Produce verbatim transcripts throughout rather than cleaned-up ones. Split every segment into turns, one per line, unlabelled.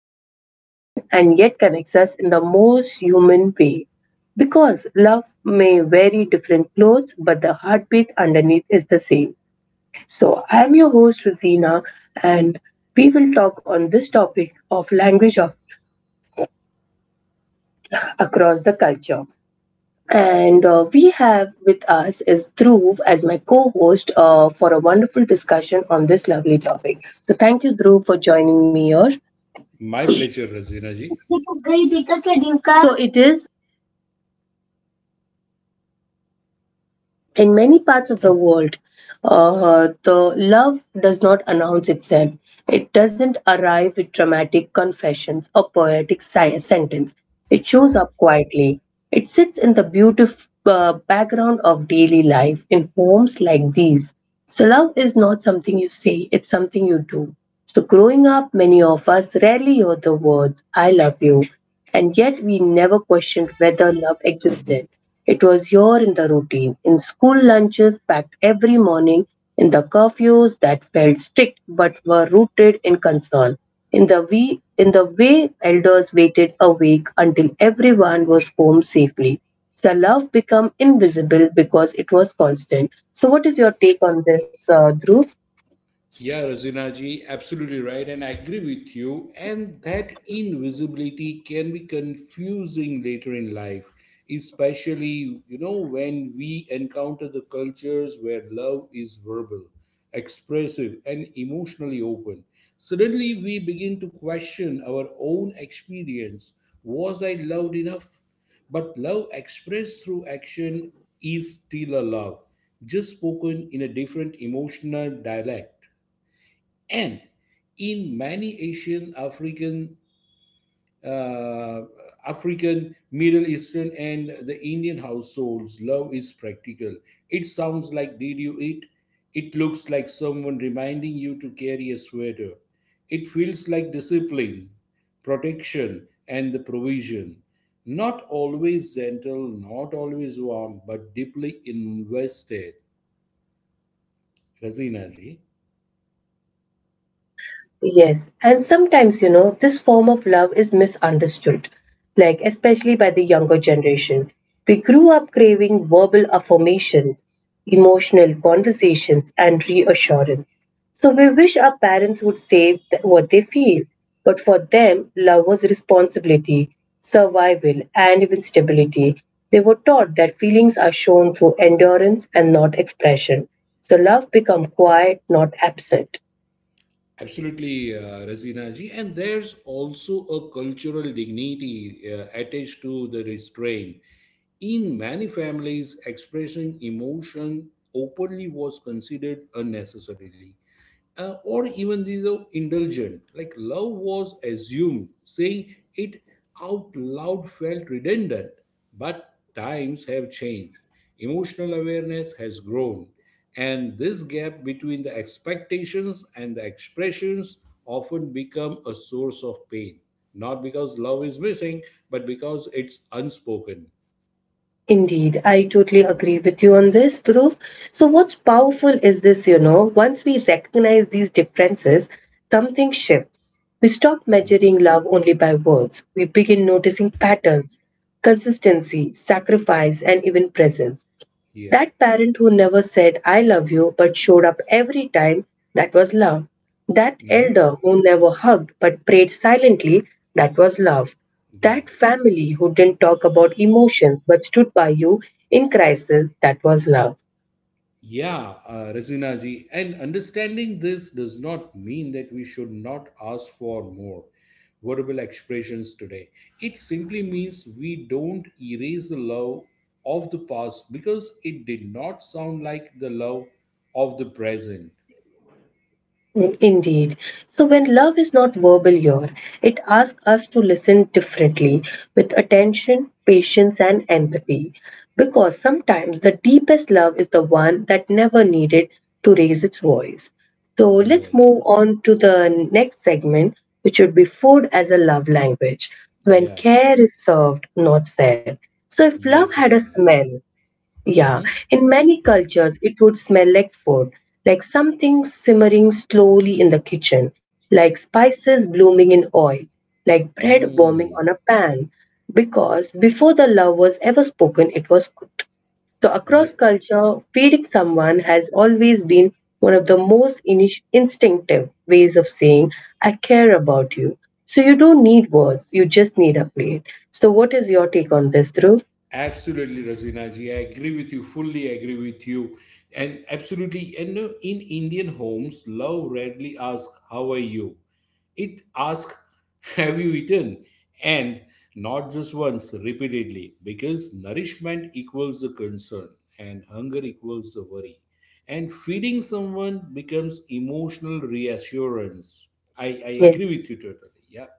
feels different, and yet connects us in the most human way. Because love may wear different clothes, but the heartbeat underneath is the same. So, I am your host, Rosina, and we will talk on this topic of language of across the culture. And uh, we have with us is Dhruv as my co-host uh, for a wonderful discussion on this lovely topic. So thank you, Dhruv, for joining me here.
My pleasure, Razina ji.
So it is in many parts of the world. Uh, the love does not announce itself. It doesn't arrive with dramatic confessions or poetic si- sentence. It shows up quietly. It sits in the beautiful uh, background of daily life in homes like these. So, love is not something you say, it's something you do. So, growing up, many of us rarely hear the words, I love you, and yet we never questioned whether love existed. It was here in the routine, in school lunches packed every morning, in the curfews that felt strict but were rooted in concern in the, we, in the way elders waited a week until everyone was home safely. The love became invisible because it was constant. So, what is your take on this, uh, Dhruv?
Yeah, Razinaji, absolutely right, and I agree with you. And that invisibility can be confusing later in life, especially you know when we encounter the cultures where love is verbal, expressive, and emotionally open. Suddenly, we begin to question our own experience. Was I loved enough? But love expressed through action is still a love, just spoken in a different emotional dialect and in many Asian, African, uh, African, Middle Eastern, and the Indian households, love is practical. It sounds like "Did you eat?" It looks like someone reminding you to carry a sweater. It feels like discipline, protection, and the provision. Not always gentle, not always warm, but deeply invested. Razina ji.
Yes, very true, Dhruv. Yes, and sometimes, you know, this form of love is misunderstood, like especially by the younger generation. We grew up craving verbal affirmation, emotional conversations, and reassurance. So we wish our parents would say th- what they feel, but for them, love was responsibility, survival, and even stability. They were taught that feelings are shown through endurance and not expression. So love become quiet, not absent.
Absolutely, uh, Razina ji. And there's also a cultural dignity uh, attached to the restraint. In many families, expressing emotion openly was considered unnecessarily uh, or even these are indulgent. Like love was assumed, saying it out loud felt redundant. But times have changed. Emotional awareness has grown, and this gap between the expectations and the expressions often become a source of pain. Not because love is missing, but because it's unspoken.
Indeed, I totally agree with you on this, Dhruv. So, what's powerful is this you know, once we recognize these differences, something shifts. We stop
Mhm.
measuring love only by words, we begin noticing patterns, consistency, sacrifice, and even presence.
Yeah.
That parent who never said, I love you, but showed up every time, that was love. That
Hmm.
elder who never hugged but prayed silently, that was love. That
Yeah.
family who didn't talk about emotions but stood by you in crisis, that was love.
Yeah, uh, Razina ji, and understanding this does not mean that we should not ask for more verbal expressions today. It simply means we don't erase the love of the past because it did not sound like the love of the present.
Mm, Indeed. So, when love is not verbal here, it asks us to listen differently with attention, patience, and empathy. Because sometimes the deepest love is the one that never needed to raise its voice. So, let's
Right.
move on to the next segment, which would be food as a love language, when
Yeah.
care is served, not said. So, if love
Yes,
had a
Razina ji.
smell, yeah,
Mm-hmm.
in many cultures, it would smell like food, like something simmering slowly in the kitchen, like spices blooming in oil, like bread warming
Mm.
on a pan, because before the love was ever spoken, it was cooked. So, across
Yep.
culture, feeding someone has always been one of the most init- instinctive ways of saying, I care about you. So, you don't need words, you just need a plate. So, what is your take on this, Dhruv?
Absolutely, Rajinaji. I agree with you. Fully agree with you. And absolutely, and no, in Indian homes, love rarely asks, How are you? It asks, Have you eaten? And not just once, repeatedly, because nourishment equals a concern and hunger equals a worry. And feeding someone becomes emotional reassurance. I, I
Yes.
agree with you totally. Yep.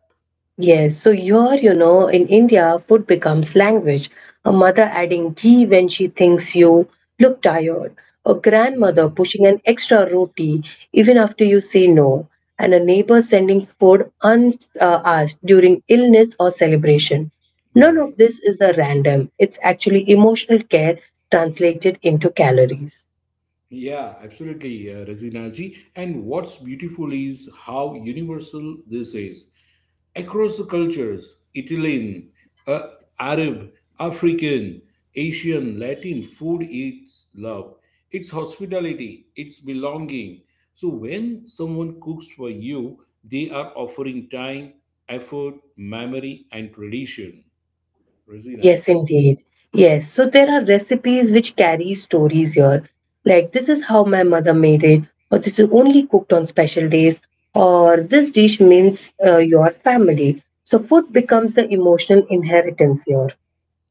Yes, so here, you know, in India, food becomes language. A mother adding ghee when she thinks you look tired, a grandmother
Hmm.
pushing an extra roti even after you say no, and a neighbor sending food unasked during illness or celebration. None of
Right.
this is a random, it's actually emotional care translated into calories.
Yeah, absolutely, uh, Razina ji. And what's beautiful is how universal this is. Across the cultures, Italian, uh, Arab, African, Asian, Latin, food is love. It's hospitality, it's belonging. So when someone cooks for you, they are offering time, effort, memory, and tradition. Razina
Yes,
ji.
indeed. Yes, so there are recipes which carry stories here. Like this is how my mother made it, or this is only cooked on special days, or this dish means uh, your family. So food becomes the emotional inheritance here.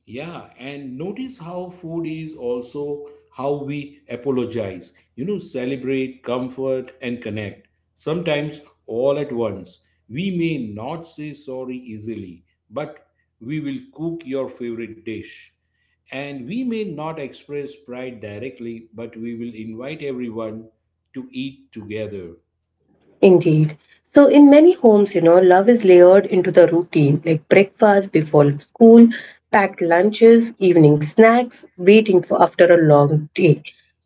Yeah, and notice how food is also how we apologize, you know, celebrate, comfort, and connect. Sometimes all at once. We may not say sorry easily, but we will cook your favorite dish. And we may not express pride directly, but we will invite everyone to eat together.
Indeed. So in many homes, you know, love is layered into the routine, like breakfast before school, packed lunches, evening snacks, waiting for after a long day.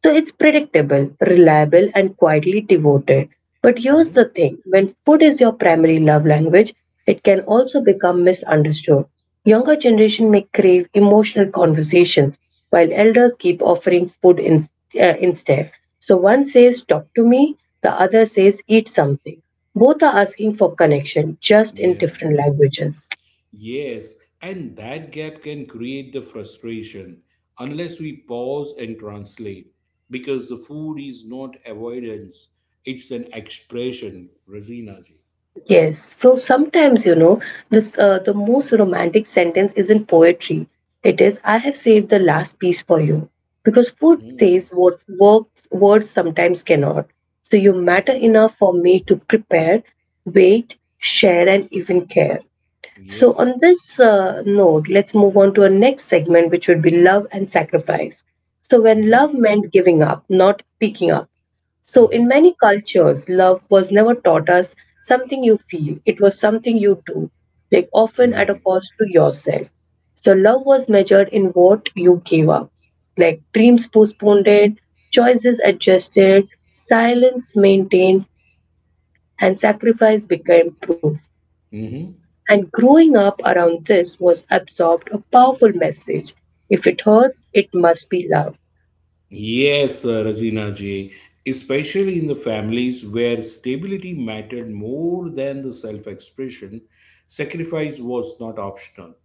So it's predictable, reliable, and quietly devoted. But here's
Mhm.
the thing when food is your primary love language, it can also become misunderstood. Younger generation may crave emotional conversations, while elders keep offering food in, uh, instead. So one says, Talk to me, the other says, Eat something. Both are asking for connection, just in
Yeah.
different languages.
Yes, and that gap can create the frustration unless we pause and translate because the food is not avoidance, it's an expression, Rosina ji.
Yes, so sometimes, you know, this, uh, the most romantic sentence isn't poetry. It is, I have saved the last piece for you. Because food says
Hmm.
what works, words sometimes cannot. So you matter
Yeah.
enough for me to prepare, wait, share, and even care. So,
Yep.
on this uh, note, let's move on to our next segment, which would be love and sacrifice. So, when
Mm-hmm.
love meant giving up, not picking up. So, in
Mm-hmm.
many cultures, love was never taught as something you feel, it was something you do, like often at a
Right.
cost to yourself. So, love was measured in what you gave up, like dreams postponed, choices adjusted, silence maintained, and sacrifice became proof.
Mm-hmm.
And growing up around this was absorbed a powerful message if it hurts, it must be loved.
Yes, uh, Razina ji, especially in the families where stability mattered more than the self expression, sacrifice was not optional,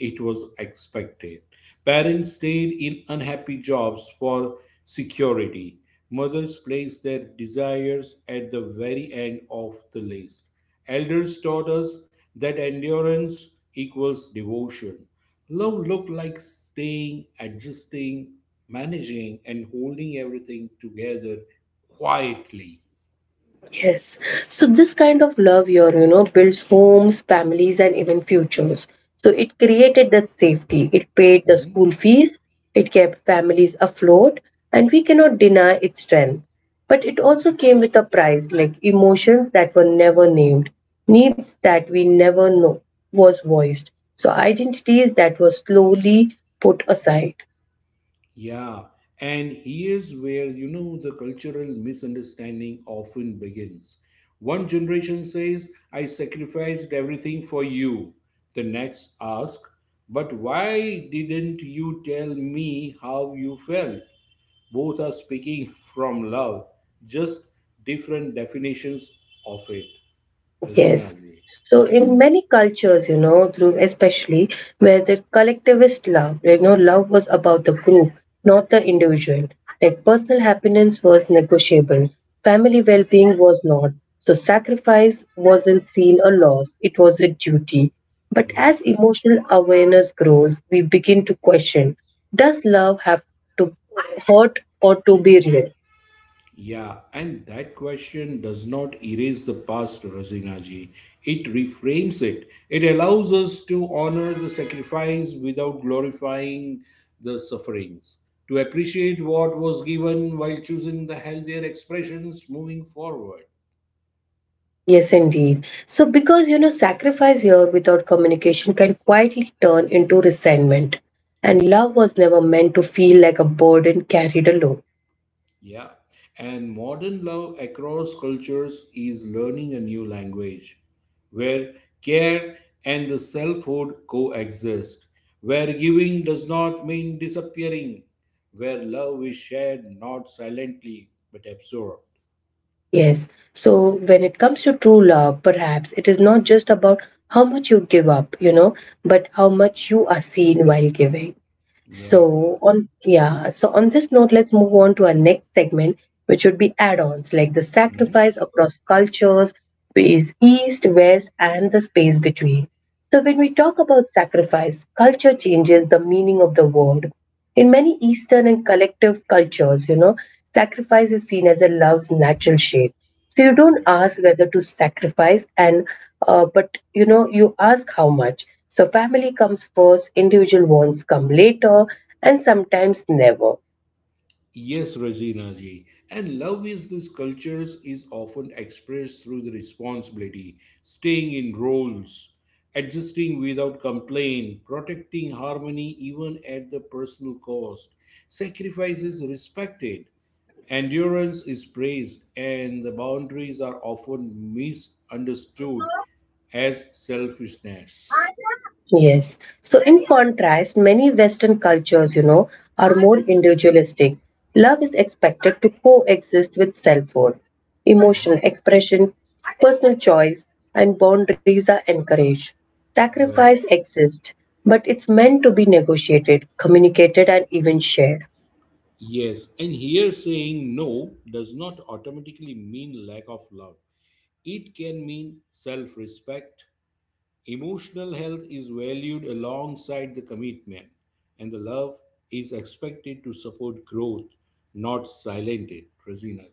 it was expected. Parents stayed in unhappy jobs for security. Mothers placed their desires at the very end of the list. Elders taught us that endurance equals devotion. Love looked like staying, adjusting, managing, and holding everything together quietly.
Yes. So this kind of love here, you know, builds homes, families, and even futures. So it created that safety. It paid the
Mhm.
school fees. It kept families afloat, and we cannot deny its strength. But it also came with a price, like emotions that were never named, needs that we never know was voiced. So identities that were slowly put aside.
Yeah. And here's where, you know, the cultural misunderstanding often begins. One generation says, I sacrificed everything for you. The next asks, But why didn't you tell me how you felt? Both are speaking from love, just different definitions of it. Razina.
Yes. So
Yeah.
in many cultures, you know, through especially where the collectivist love, you know, love was about the group, not the individual. Like personal happiness was negotiable, family well-being was not. So sacrifice wasn't seen a loss, it was a duty. But
Yeah.
as emotional awareness grows, we begin to question, does love have to hurt or to be real?
Yeah. And that question does not erase the past, Razinaji. It reframes it. It allows us to honor the sacrifice without glorifying the sufferings, to appreciate what was given while choosing the healthier expressions moving forward.
Yes, indeed. So, because you know, sacrifice here without communication can quietly turn into resentment. And love was never meant to feel like a burden carried alone.
Yeah. And modern love across cultures is learning a new language where care and the selfhood coexist, where giving does not mean disappearing, where love is shared not silently but absorbed.
Yes. So, when it comes to true love, perhaps it is not just about how much you give up, you know, but how much you are seen while giving.
Yeah.
So, on yeah, so on this note, let's move on to our next segment which would be add-ons like the
Mm-hmm.
sacrifice across cultures, is east, west, and the space between. So when we talk about sacrifice, culture changes the meaning of the word. In many Eastern and collective cultures, you know, sacrifice is seen as a love's natural shape. So you don't
Right.
ask whether to sacrifice and uh, but you know you ask how much. So family comes first, individual wants come later, and sometimes never.
Yes, Rosina ji. And love is this cultures is often expressed through the responsibility, staying in roles, adjusting without complaint, protecting harmony even at the personal cost. Sacrifice is respected, endurance is praised, and the boundaries are often misunderstood as selfishness.
Yes. So, in contrast, many Western cultures, you know, are more individualistic. Love is expected to coexist with self worth. Emotional expression, personal choice, and boundaries are encouraged. Sacrifice
Right.
exists, but it's meant to be negotiated, communicated, and even shared.
Yes, and here saying no does not automatically mean lack of love. It can mean self respect. Emotional health is valued alongside the commitment, and the love is expected to support growth, not silent it. Rosina.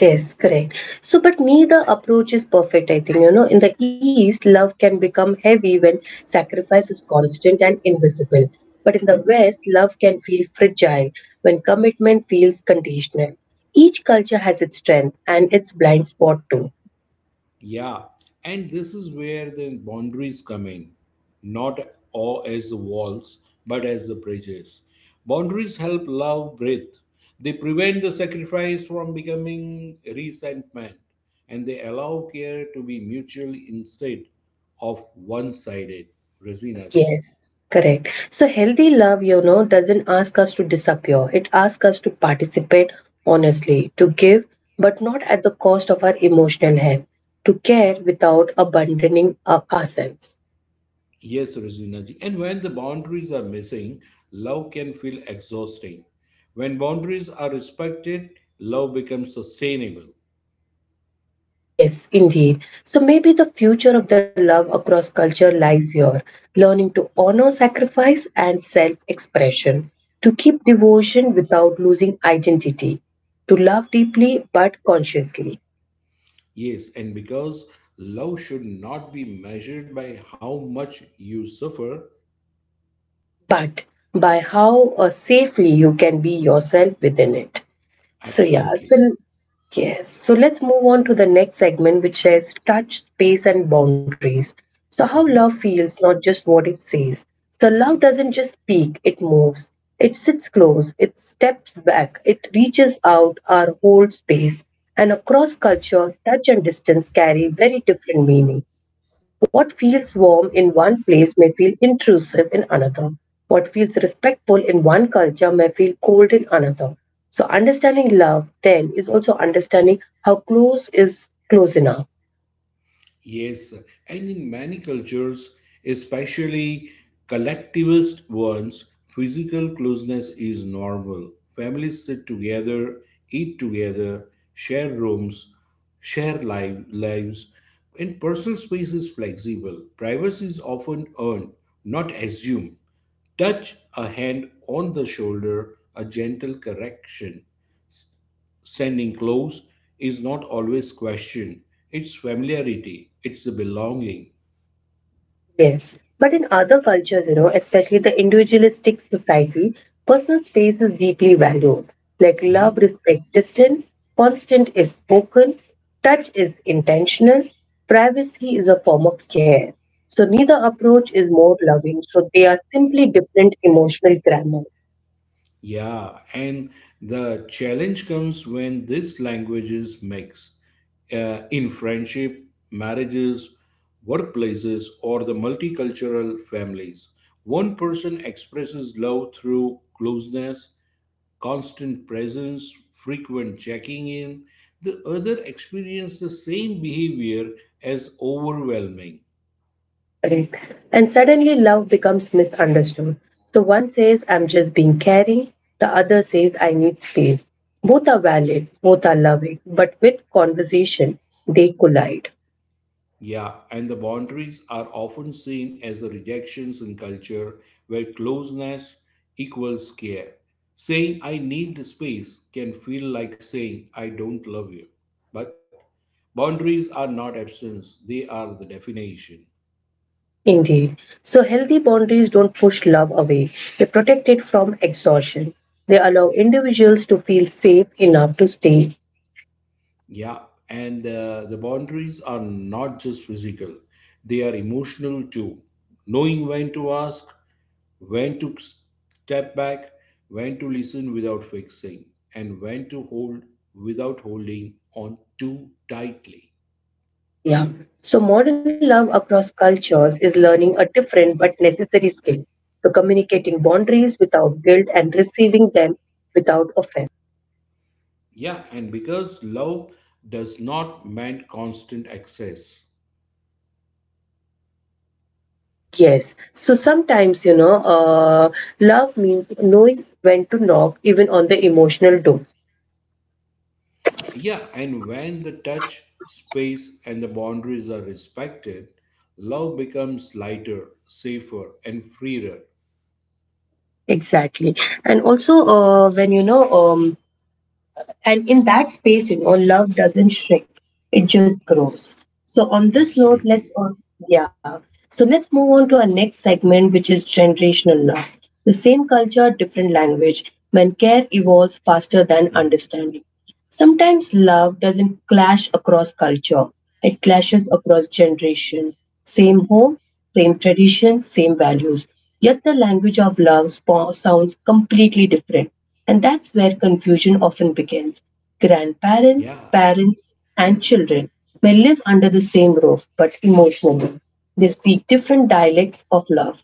Yes, correct. So, but neither approach is perfect, I think. You know, in the East, love can become heavy when sacrifice is constant and invisible. But in the West, love can feel fragile when commitment feels conditional. Each culture has its strength and its blind spot too.
Yeah, and this is where the boundaries come in, not all as the walls, but as the bridges. Boundaries help love breathe. They prevent the sacrifice from becoming resentment, and they allow care to be mutual instead of one-sided. Razina ji.
Yes, correct. So healthy love, you know, doesn't ask us to disappear. It asks us to participate honestly, to give, but not at the cost of our emotional health, to care without abandoning our ourselves.
Yes, Razina ji. And when the boundaries are missing, love can feel exhausting. When boundaries are respected, love becomes sustainable.
Yes, indeed. So maybe the future of the love across culture lies here, learning to honor sacrifice and self expression, to keep devotion without losing identity, to love deeply but consciously
Yes, and because love should not be measured by how much you suffer,
but by how uh, safely you can be yourself within it. So, yeah, so
absolutely.
l- yes, so let's move on to the next segment, which says touch, space, and boundaries. So, how love
Mhm,
feels, not just what it says. So, love
mhm.
doesn't just speak, it moves, it sits close, it steps back, it reaches out our whole space. And across culture, touch and distance carry very different meaning. What feels warm in one place may feel intrusive in another. What feels respectful in one culture may feel cold in another. So understanding love then is also understanding how close is close enough.
Yes, and in many cultures, especially collectivist ones, physical closeness is normal. Families sit together, eat together, share rooms, share live, lives, and personal space is flexible. Privacy is often earned, not assumed. Touch, a hand on the shoulder, a gentle correction. Standing close is not always question. It's familiarity. It's the belonging.
Yes, but in other cultures, you know, especially the individualistic society, personal space is deeply valued. Like love
Mhm.
respects distance, constant is spoken, touch is intentional, privacy is a form of care. So neither approach is more loving, so they are simply different emotional grammar.
Yeah, and the challenge comes when these languages mix uh, in friendship, marriages, workplaces, or the multicultural families. One person expresses love through closeness, constant presence, frequent checking in, the other experience the same behavior as overwhelming.
Correct. And suddenly love becomes misunderstood. So one says, I'm just being caring. The other says, I need space. Both are valid, both are loving, but with conversation, they collide.
Yeah, and the boundaries are often seen as a rejections in culture where closeness equals care. Saying I need the space can feel like saying I don't love you. But boundaries are not absence, they are the definition.
Indeed. So healthy boundaries don't push love away, they protect it from exhaustion. They allow individuals to feel safe enough to stay
Yeah, and uh, the boundaries are not just physical, they are emotional too. Knowing when to ask, when to step back, when to listen without fixing, and when to hold without holding on too tightly.
Yeah. So modern love across cultures is learning a different but necessary skill. So communicating boundaries without guilt and receiving them without offense.
Yeah, and because love does not mean constant access.
Yes. So sometimes, you know, uh, love means knowing when to knock even on the emotional door.
Yeah, and when the touch, space, and the boundaries are respected, love becomes lighter, safer, and freer.
Exactly. And also, uh, when you know, um, And in that space, you know, love doesn't shrink, it just grows. So, on this note, let's,
Absolutely.
also, yeah. So, let's move on to our next segment, which is generational love. The same culture, different language, when care evolves faster than
Hmm.
understanding. Sometimes love doesn't clash across culture, it clashes across generation. Same home, same tradition, same values. Yet the language of love spo- sounds completely different. And that's where confusion often begins. Grandparents,
Yeah.
parents, and children may live under the same roof, but emotionally, they speak different dialects of love.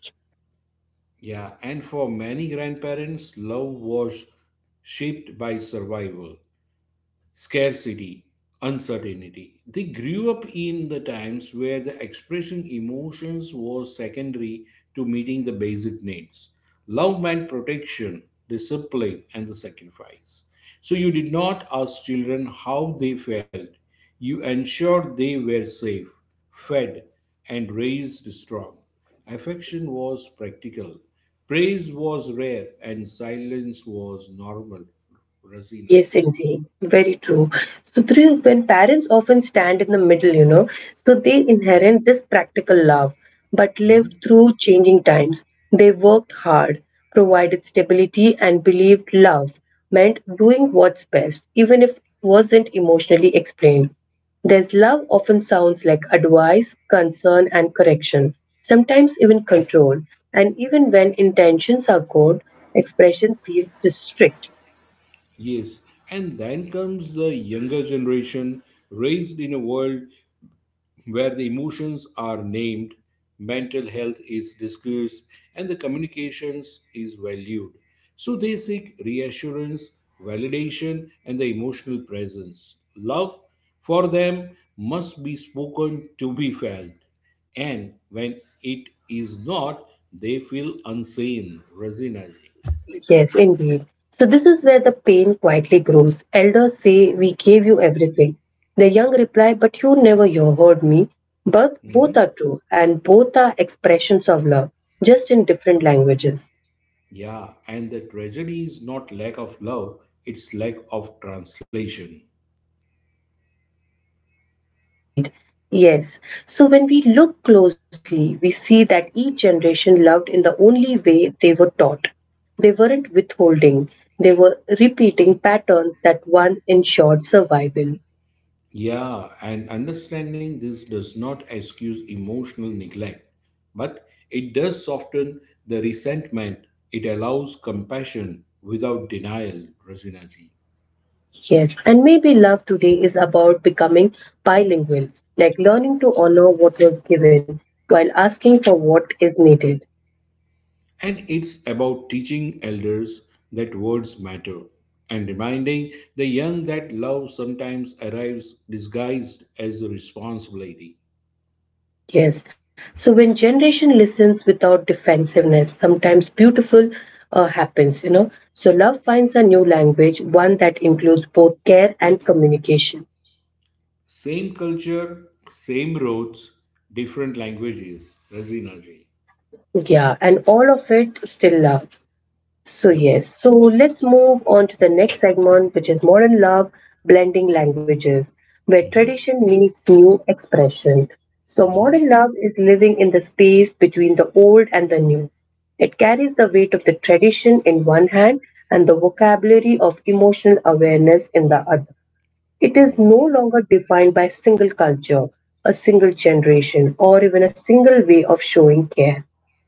Yeah. And for many grandparents, love was shaped by survival, scarcity, uncertainty. They grew up in the times where the expressing emotions was secondary to meeting the basic needs. Love meant protection, discipline, and the sacrifice. So you did not ask children how they felt. You ensured they were safe, fed, and raised strong. Affection was practical. Praise was rare and silence was normal. Razina
Yes, indeed. Very true. So, Dhruv, when parents often stand in the middle, you know, so they inherit this practical love, but lived
ji.
through changing times. They worked hard, provided stability, and believed love meant doing what's best, even if it wasn't emotionally explained. There's love often sounds like advice, concern, and correction, sometimes even control. And even when intentions are good, expression feels strict.
Yes, and then comes the younger generation raised in a world where the emotions are named, mental health is discussed, and the communications is valued. So they seek reassurance, validation, and the emotional presence. Love for them must be spoken to be felt, and when it is not, they feel unseen. Razinaji.
Yes, indeed. So, this is where the pain quietly grows. Elders say, "We gave you everything." The young reply, "But you never you heard me." But both are true, and both are expressions of love, just in different languages.
Yeah, and the tragedy is not lack of love, it's lack of translation.
Indeed. Yes. So, when we look closely, we see that each generation loved in the only way they were taught. They weren't withholding, they were repeating patterns that one ensured survival.
Yeah, and understanding this does not excuse emotional neglect, but it does soften the resentment. It allows compassion without denial, Rasinaji.
Yes, and maybe love today is about becoming bilingual, like learning to honor what was given while asking for what is needed.
And it's about teaching elders that words matter and reminding the young that love sometimes arrives disguised as a responsibility.
Yes, so when generation listens without defensiveness, sometimes beautiful uh, happens, you know. So love finds a new language, one that includes both care and communication.
Same culture, same roads, different languages. Razina ji.
Yeah, and all of it still love. So,
Yep.
yes, so let's move on to the next segment, which is modern love blending languages, where
Mm-hmm.
tradition meets new expression. So,
Mm-hmm.
modern love is living in the space between the old and the new. It carries the weight of the tradition in one hand and the vocabulary of emotional awareness in the other. It is
Right.
no longer defined by a single culture, a single generation, or even a single way of showing care.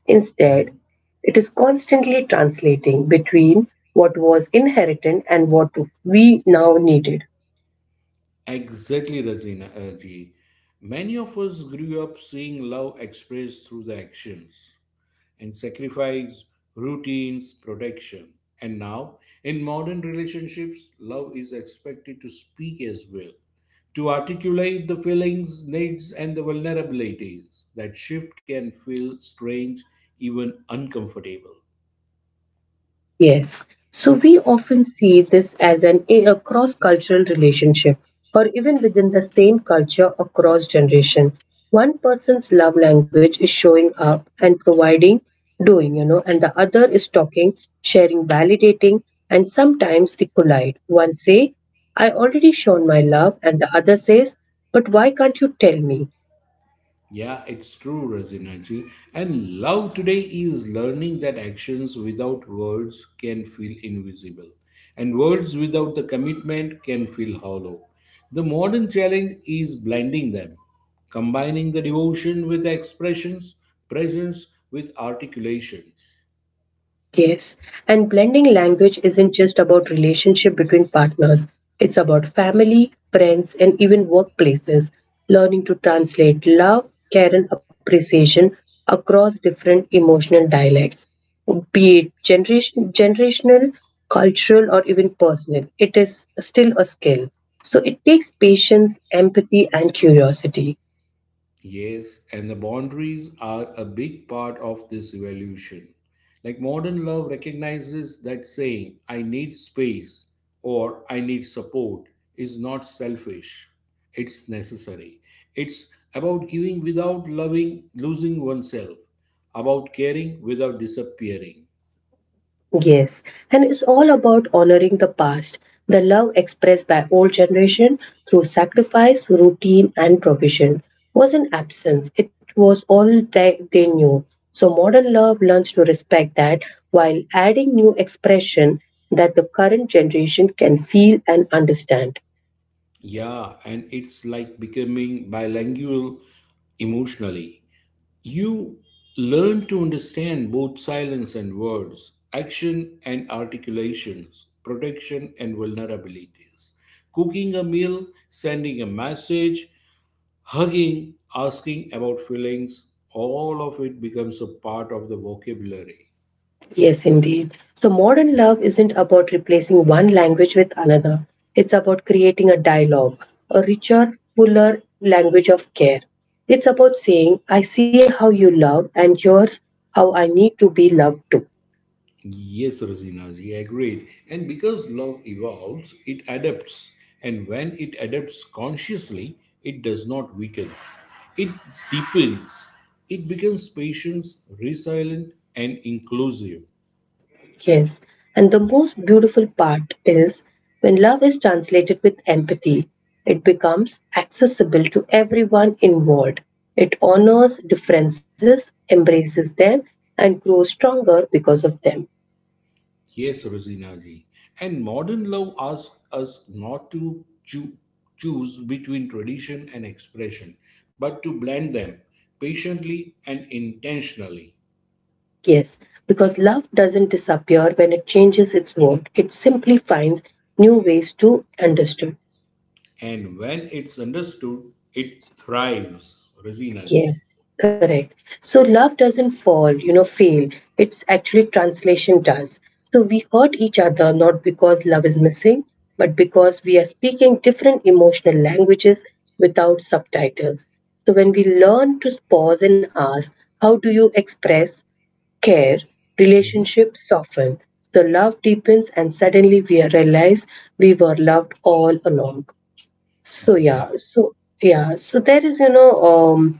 Instead,
Mm-hmm.
it is constantly translating between what was inherited and what we now needed.
Exactly, Razina uh, ji. Many of us grew up seeing love expressed through the actions, and sacrifice, routines, protection. And now, in modern relationships, love is expected to speak as well, to articulate the feelings, needs, and the vulnerabilities. That shift can feel strange, even uncomfortable.
Yes. So we often see this as an a cross-cultural relationship or even within the same culture across generation. One person's love language is showing up and providing, doing, you know, and the other is talking, sharing, validating, and sometimes they collide. One say, "I already shown my love," and the other says, "But why can't you tell me?"
Yeah, it's true, Razinaji. And love today is learning that actions without words can feel invisible, and words without the commitment can feel hollow. The modern challenge is blending them, combining the devotion with expressions, presence with articulations.
Yes, and blending language isn't just about relationship between partners. It's about family, friends, and even workplaces. Learning to translate love, care, and appreciation across different emotional dialects, be it generation, generational, cultural, or even personal, it is still a skill. So it takes patience, empathy, and curiosity.
Yes, and the boundaries are a big part of this evolution. Like modern love recognizes that saying, I need space or I need support is not selfish, it's necessary. It's about giving without loving, losing oneself, about caring without disappearing.
Yes, and it's all about honoring the past, the love expressed by old generation through sacrifice, routine, and provision wasn't absence. It was all they, they knew. So modern love learns to respect that while adding new expression that the current generation can feel and understand.
Yeah, and it's like becoming bilingual emotionally. You learn to understand both silence and words, action and articulations, protection and vulnerabilities. Cooking a meal, sending a message, hugging, asking about feelings, all of it becomes a part of the vocabulary.
Yes, indeed. So, modern love isn't about replacing one language with another. It's about creating a dialogue, a richer, fuller language of care. It's about saying, "I see how you love, and here's how I need to be loved too."
Yes, Rosinaji, agreed. And because love evolves, it adapts. And when it adapts consciously, it does not weaken. It deepens. It becomes patient, resilient, and inclusive.
Yes. And the most beautiful part is when love is translated with empathy, it becomes accessible to everyone involved. It honors differences, embraces them, and grows stronger because of them.
Yes, Rosinaji. And modern love asks us not to choo- choose between tradition and expression, but to blend them patiently and intentionally.
Yes, because love doesn't disappear when it changes its mode. It simply finds new ways to understood.
And when it's understood, it thrives. Razina ji.
Yes, correct. So love doesn't fall, you know, fail. It's actually translation does. So we hurt each other not because love is missing, but because we are speaking different emotional languages without subtitles. So when we learn to pause and ask, how do you express care,
Hmm.
relationships soften, the love deepens, and suddenly we realize we were loved all along. So yeah,
Yeah.
so yeah, so there is, you know, um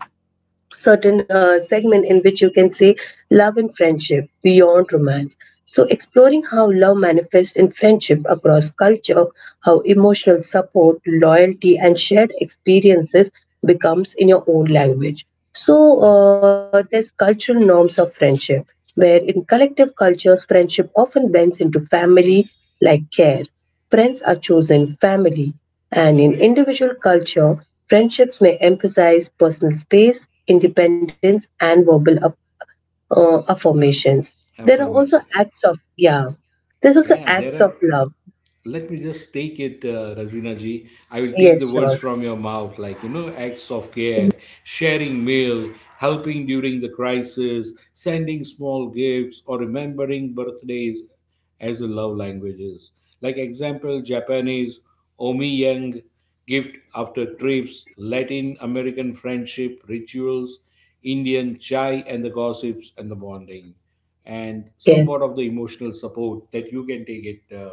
certain uh, segment in which you can say love and friendship beyond romance. So, exploring how love manifests in friendship across culture, how emotional support, loyalty, and shared experiences becomes in your own language. So,
Right.
uh, there's cultural norms of friendship, where in collective cultures, friendship often bends into family like care. Friends are chosen, family, and in individual culture, friendships may emphasize personal space, independence, and verbal aff- uh, affirmations. There are also
Affirmation.
acts of, yeah, there's also
Yeah, there
acts
are,
of love.
let me just take it, uh, razina ji, I will take
Yes,
the words
sure.
from your mouth. Like, you know acts of care, sharing meal, helping during the crisis, sending small gifts, or remembering birthdays, as a love languages. Like example, japanese omiyang gift after trips, latin american friendship rituals, indian chai and the gossips and the bonding, and
Yes.
somewhat of the emotional support that you can take it, uh,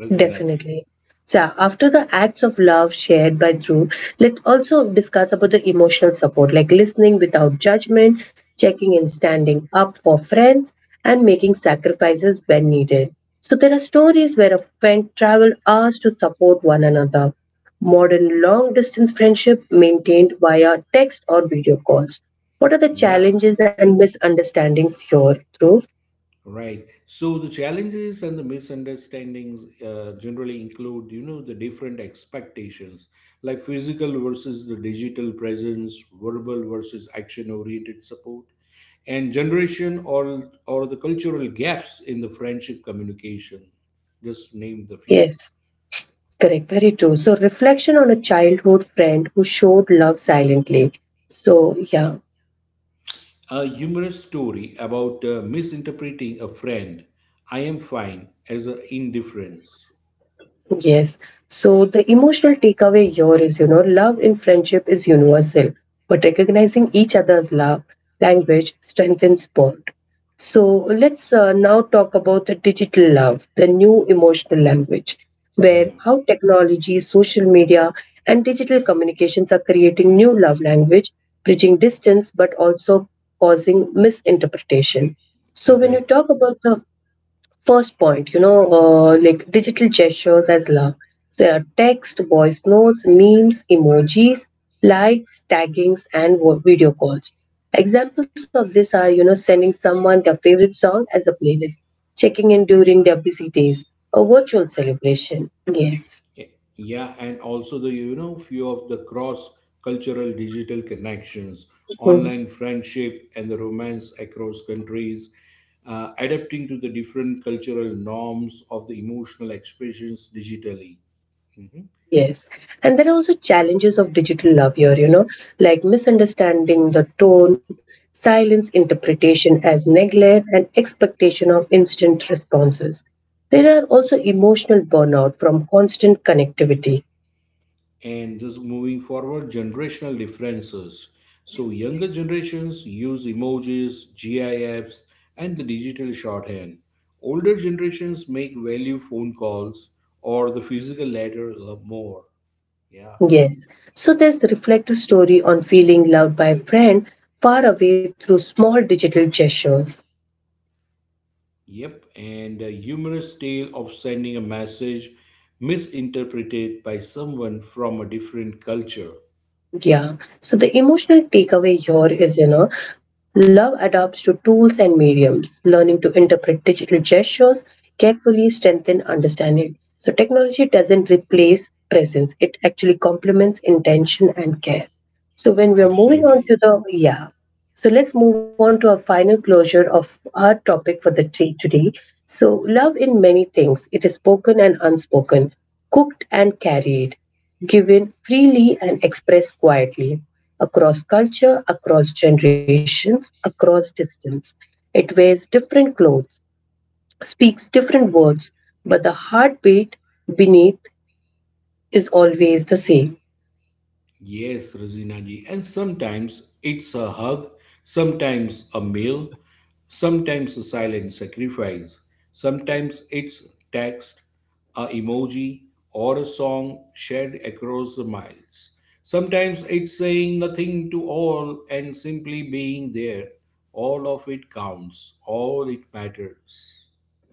Razina ji.
Definitely. So after the acts of love shared by Dhruv, let's also discuss about the emotional support, like listening without judgment, checking and standing up for friends, and making sacrifices when needed. So there are stories where a friend traveled hours to support one another. Modern long distance friendship maintained via text or video calls. What are the
Yeah,
challenges and misunderstandings here, Dhruv?
right. So the challenges and the misunderstandings uh, generally include, you know, the different expectations, like physical versus the digital presence, verbal versus action-oriented support, and generation or or the cultural gaps in the friendship communication. Just name the few.
Yes. Correct, very true. So, reflection on a childhood friend who showed love silently. So, yeah,
A humorous story about uh, misinterpreting a friend. I am fine as an indifference.
yes. So, the emotional takeaway here is, you know, love in friendship is universal, but recognizing each other's love language strengthens bonds. So let's uh, now talk about the digital love, the new emotional language, where
Yeah,
how technology, social media, and digital communications are creating new love language, bridging distance but also causing misinterpretation. So when you
correct.
talk about the first point, you know, uh, like digital gestures as love. There are text, voice notes, memes, emojis, likes, taggings, and vo- video calls. Examples of this are, you know, sending someone their favorite song as a playlist, checking in during their busy days, a virtual celebration. Yes.
Yeah, and also the you know few of the cross cultural digital connections, online
Mm-hmm.
friendship, and the romance across countries, uh, adapting to the different cultural norms of the emotional expressions digitally. Mhm.
Yes. And there are also challenges of digital love here, you know, like misunderstanding the tone, silence interpretation as neglect, and expectation of instant responses. There are also emotional burnout from constant connectivity.
And this moving forward, generational differences. So younger generations use emojis, GIFs, and the digital shorthand. Older generations make value phone calls or the physical letters or more. Yeah.
Yes. So there's the reflective story on feeling loved by a friend far away through small digital gestures.
Yep. And a humorous tale of sending a message misinterpreted by someone from a different culture.
Yeah. So the emotional takeaway here is, you know, love adapts to tools and mediums, learning to interpret digital gestures, carefully strengthen understanding. So technology doesn't replace presence, it actually complements intention and care. So when we are moving on
Absolutely.
to the yeah. So let's move on to our final closure of our topic for the day today. So love in many things. It is spoken and unspoken, cooked and carried, given freely and expressed quietly across culture, across generations, across distance. It wears different clothes, speaks different words, but the heartbeat beneath is always the same.
Yes, Rosina ji. And sometimes it's a hug, sometimes a meal, sometimes a silent sacrifice, sometimes it's text, a emoji, or a song shared across the miles. Sometimes it's saying nothing to all and simply being there. All of it counts, all it matters.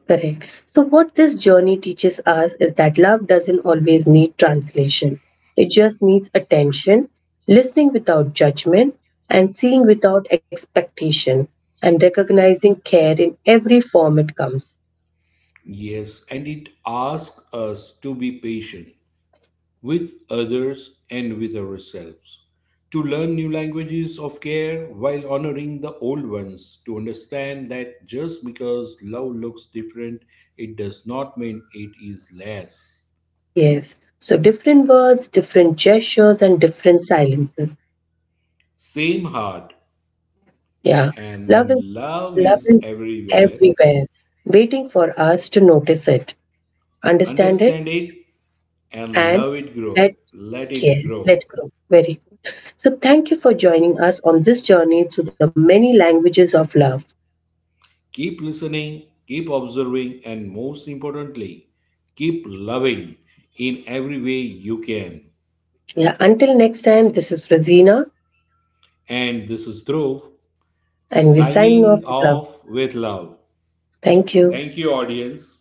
Correct. So, what this journey teaches us is that love doesn't always need translation, it just needs attention, listening without judgment, and seeing without expectation, and recognizing care in every form it comes.
Yes, and it asks us to be patient with others and with ourselves. To learn new languages of care while honoring the old ones, to understand that just because love looks different, it does not mean it is less.
Yes. So different words, different gestures, and different silences.
Same heart
Yeah. Love is,
and love
love is
is everywhere.
everywhere, waiting for us to notice it, understand it,
Understand it and
and
love it grow.
let,
Let it
yes, let
grow.
grow. Very good. So thank you for joining us on this journey through the many languages of love.
Keep listening, keep observing, and most importantly, keep loving in every way you can.
Yeah. Until next time, this is Rosina,
And this is Dhruv
and we're signing off
signing
with love.
off with love.
Thank you.
Thank you, audience.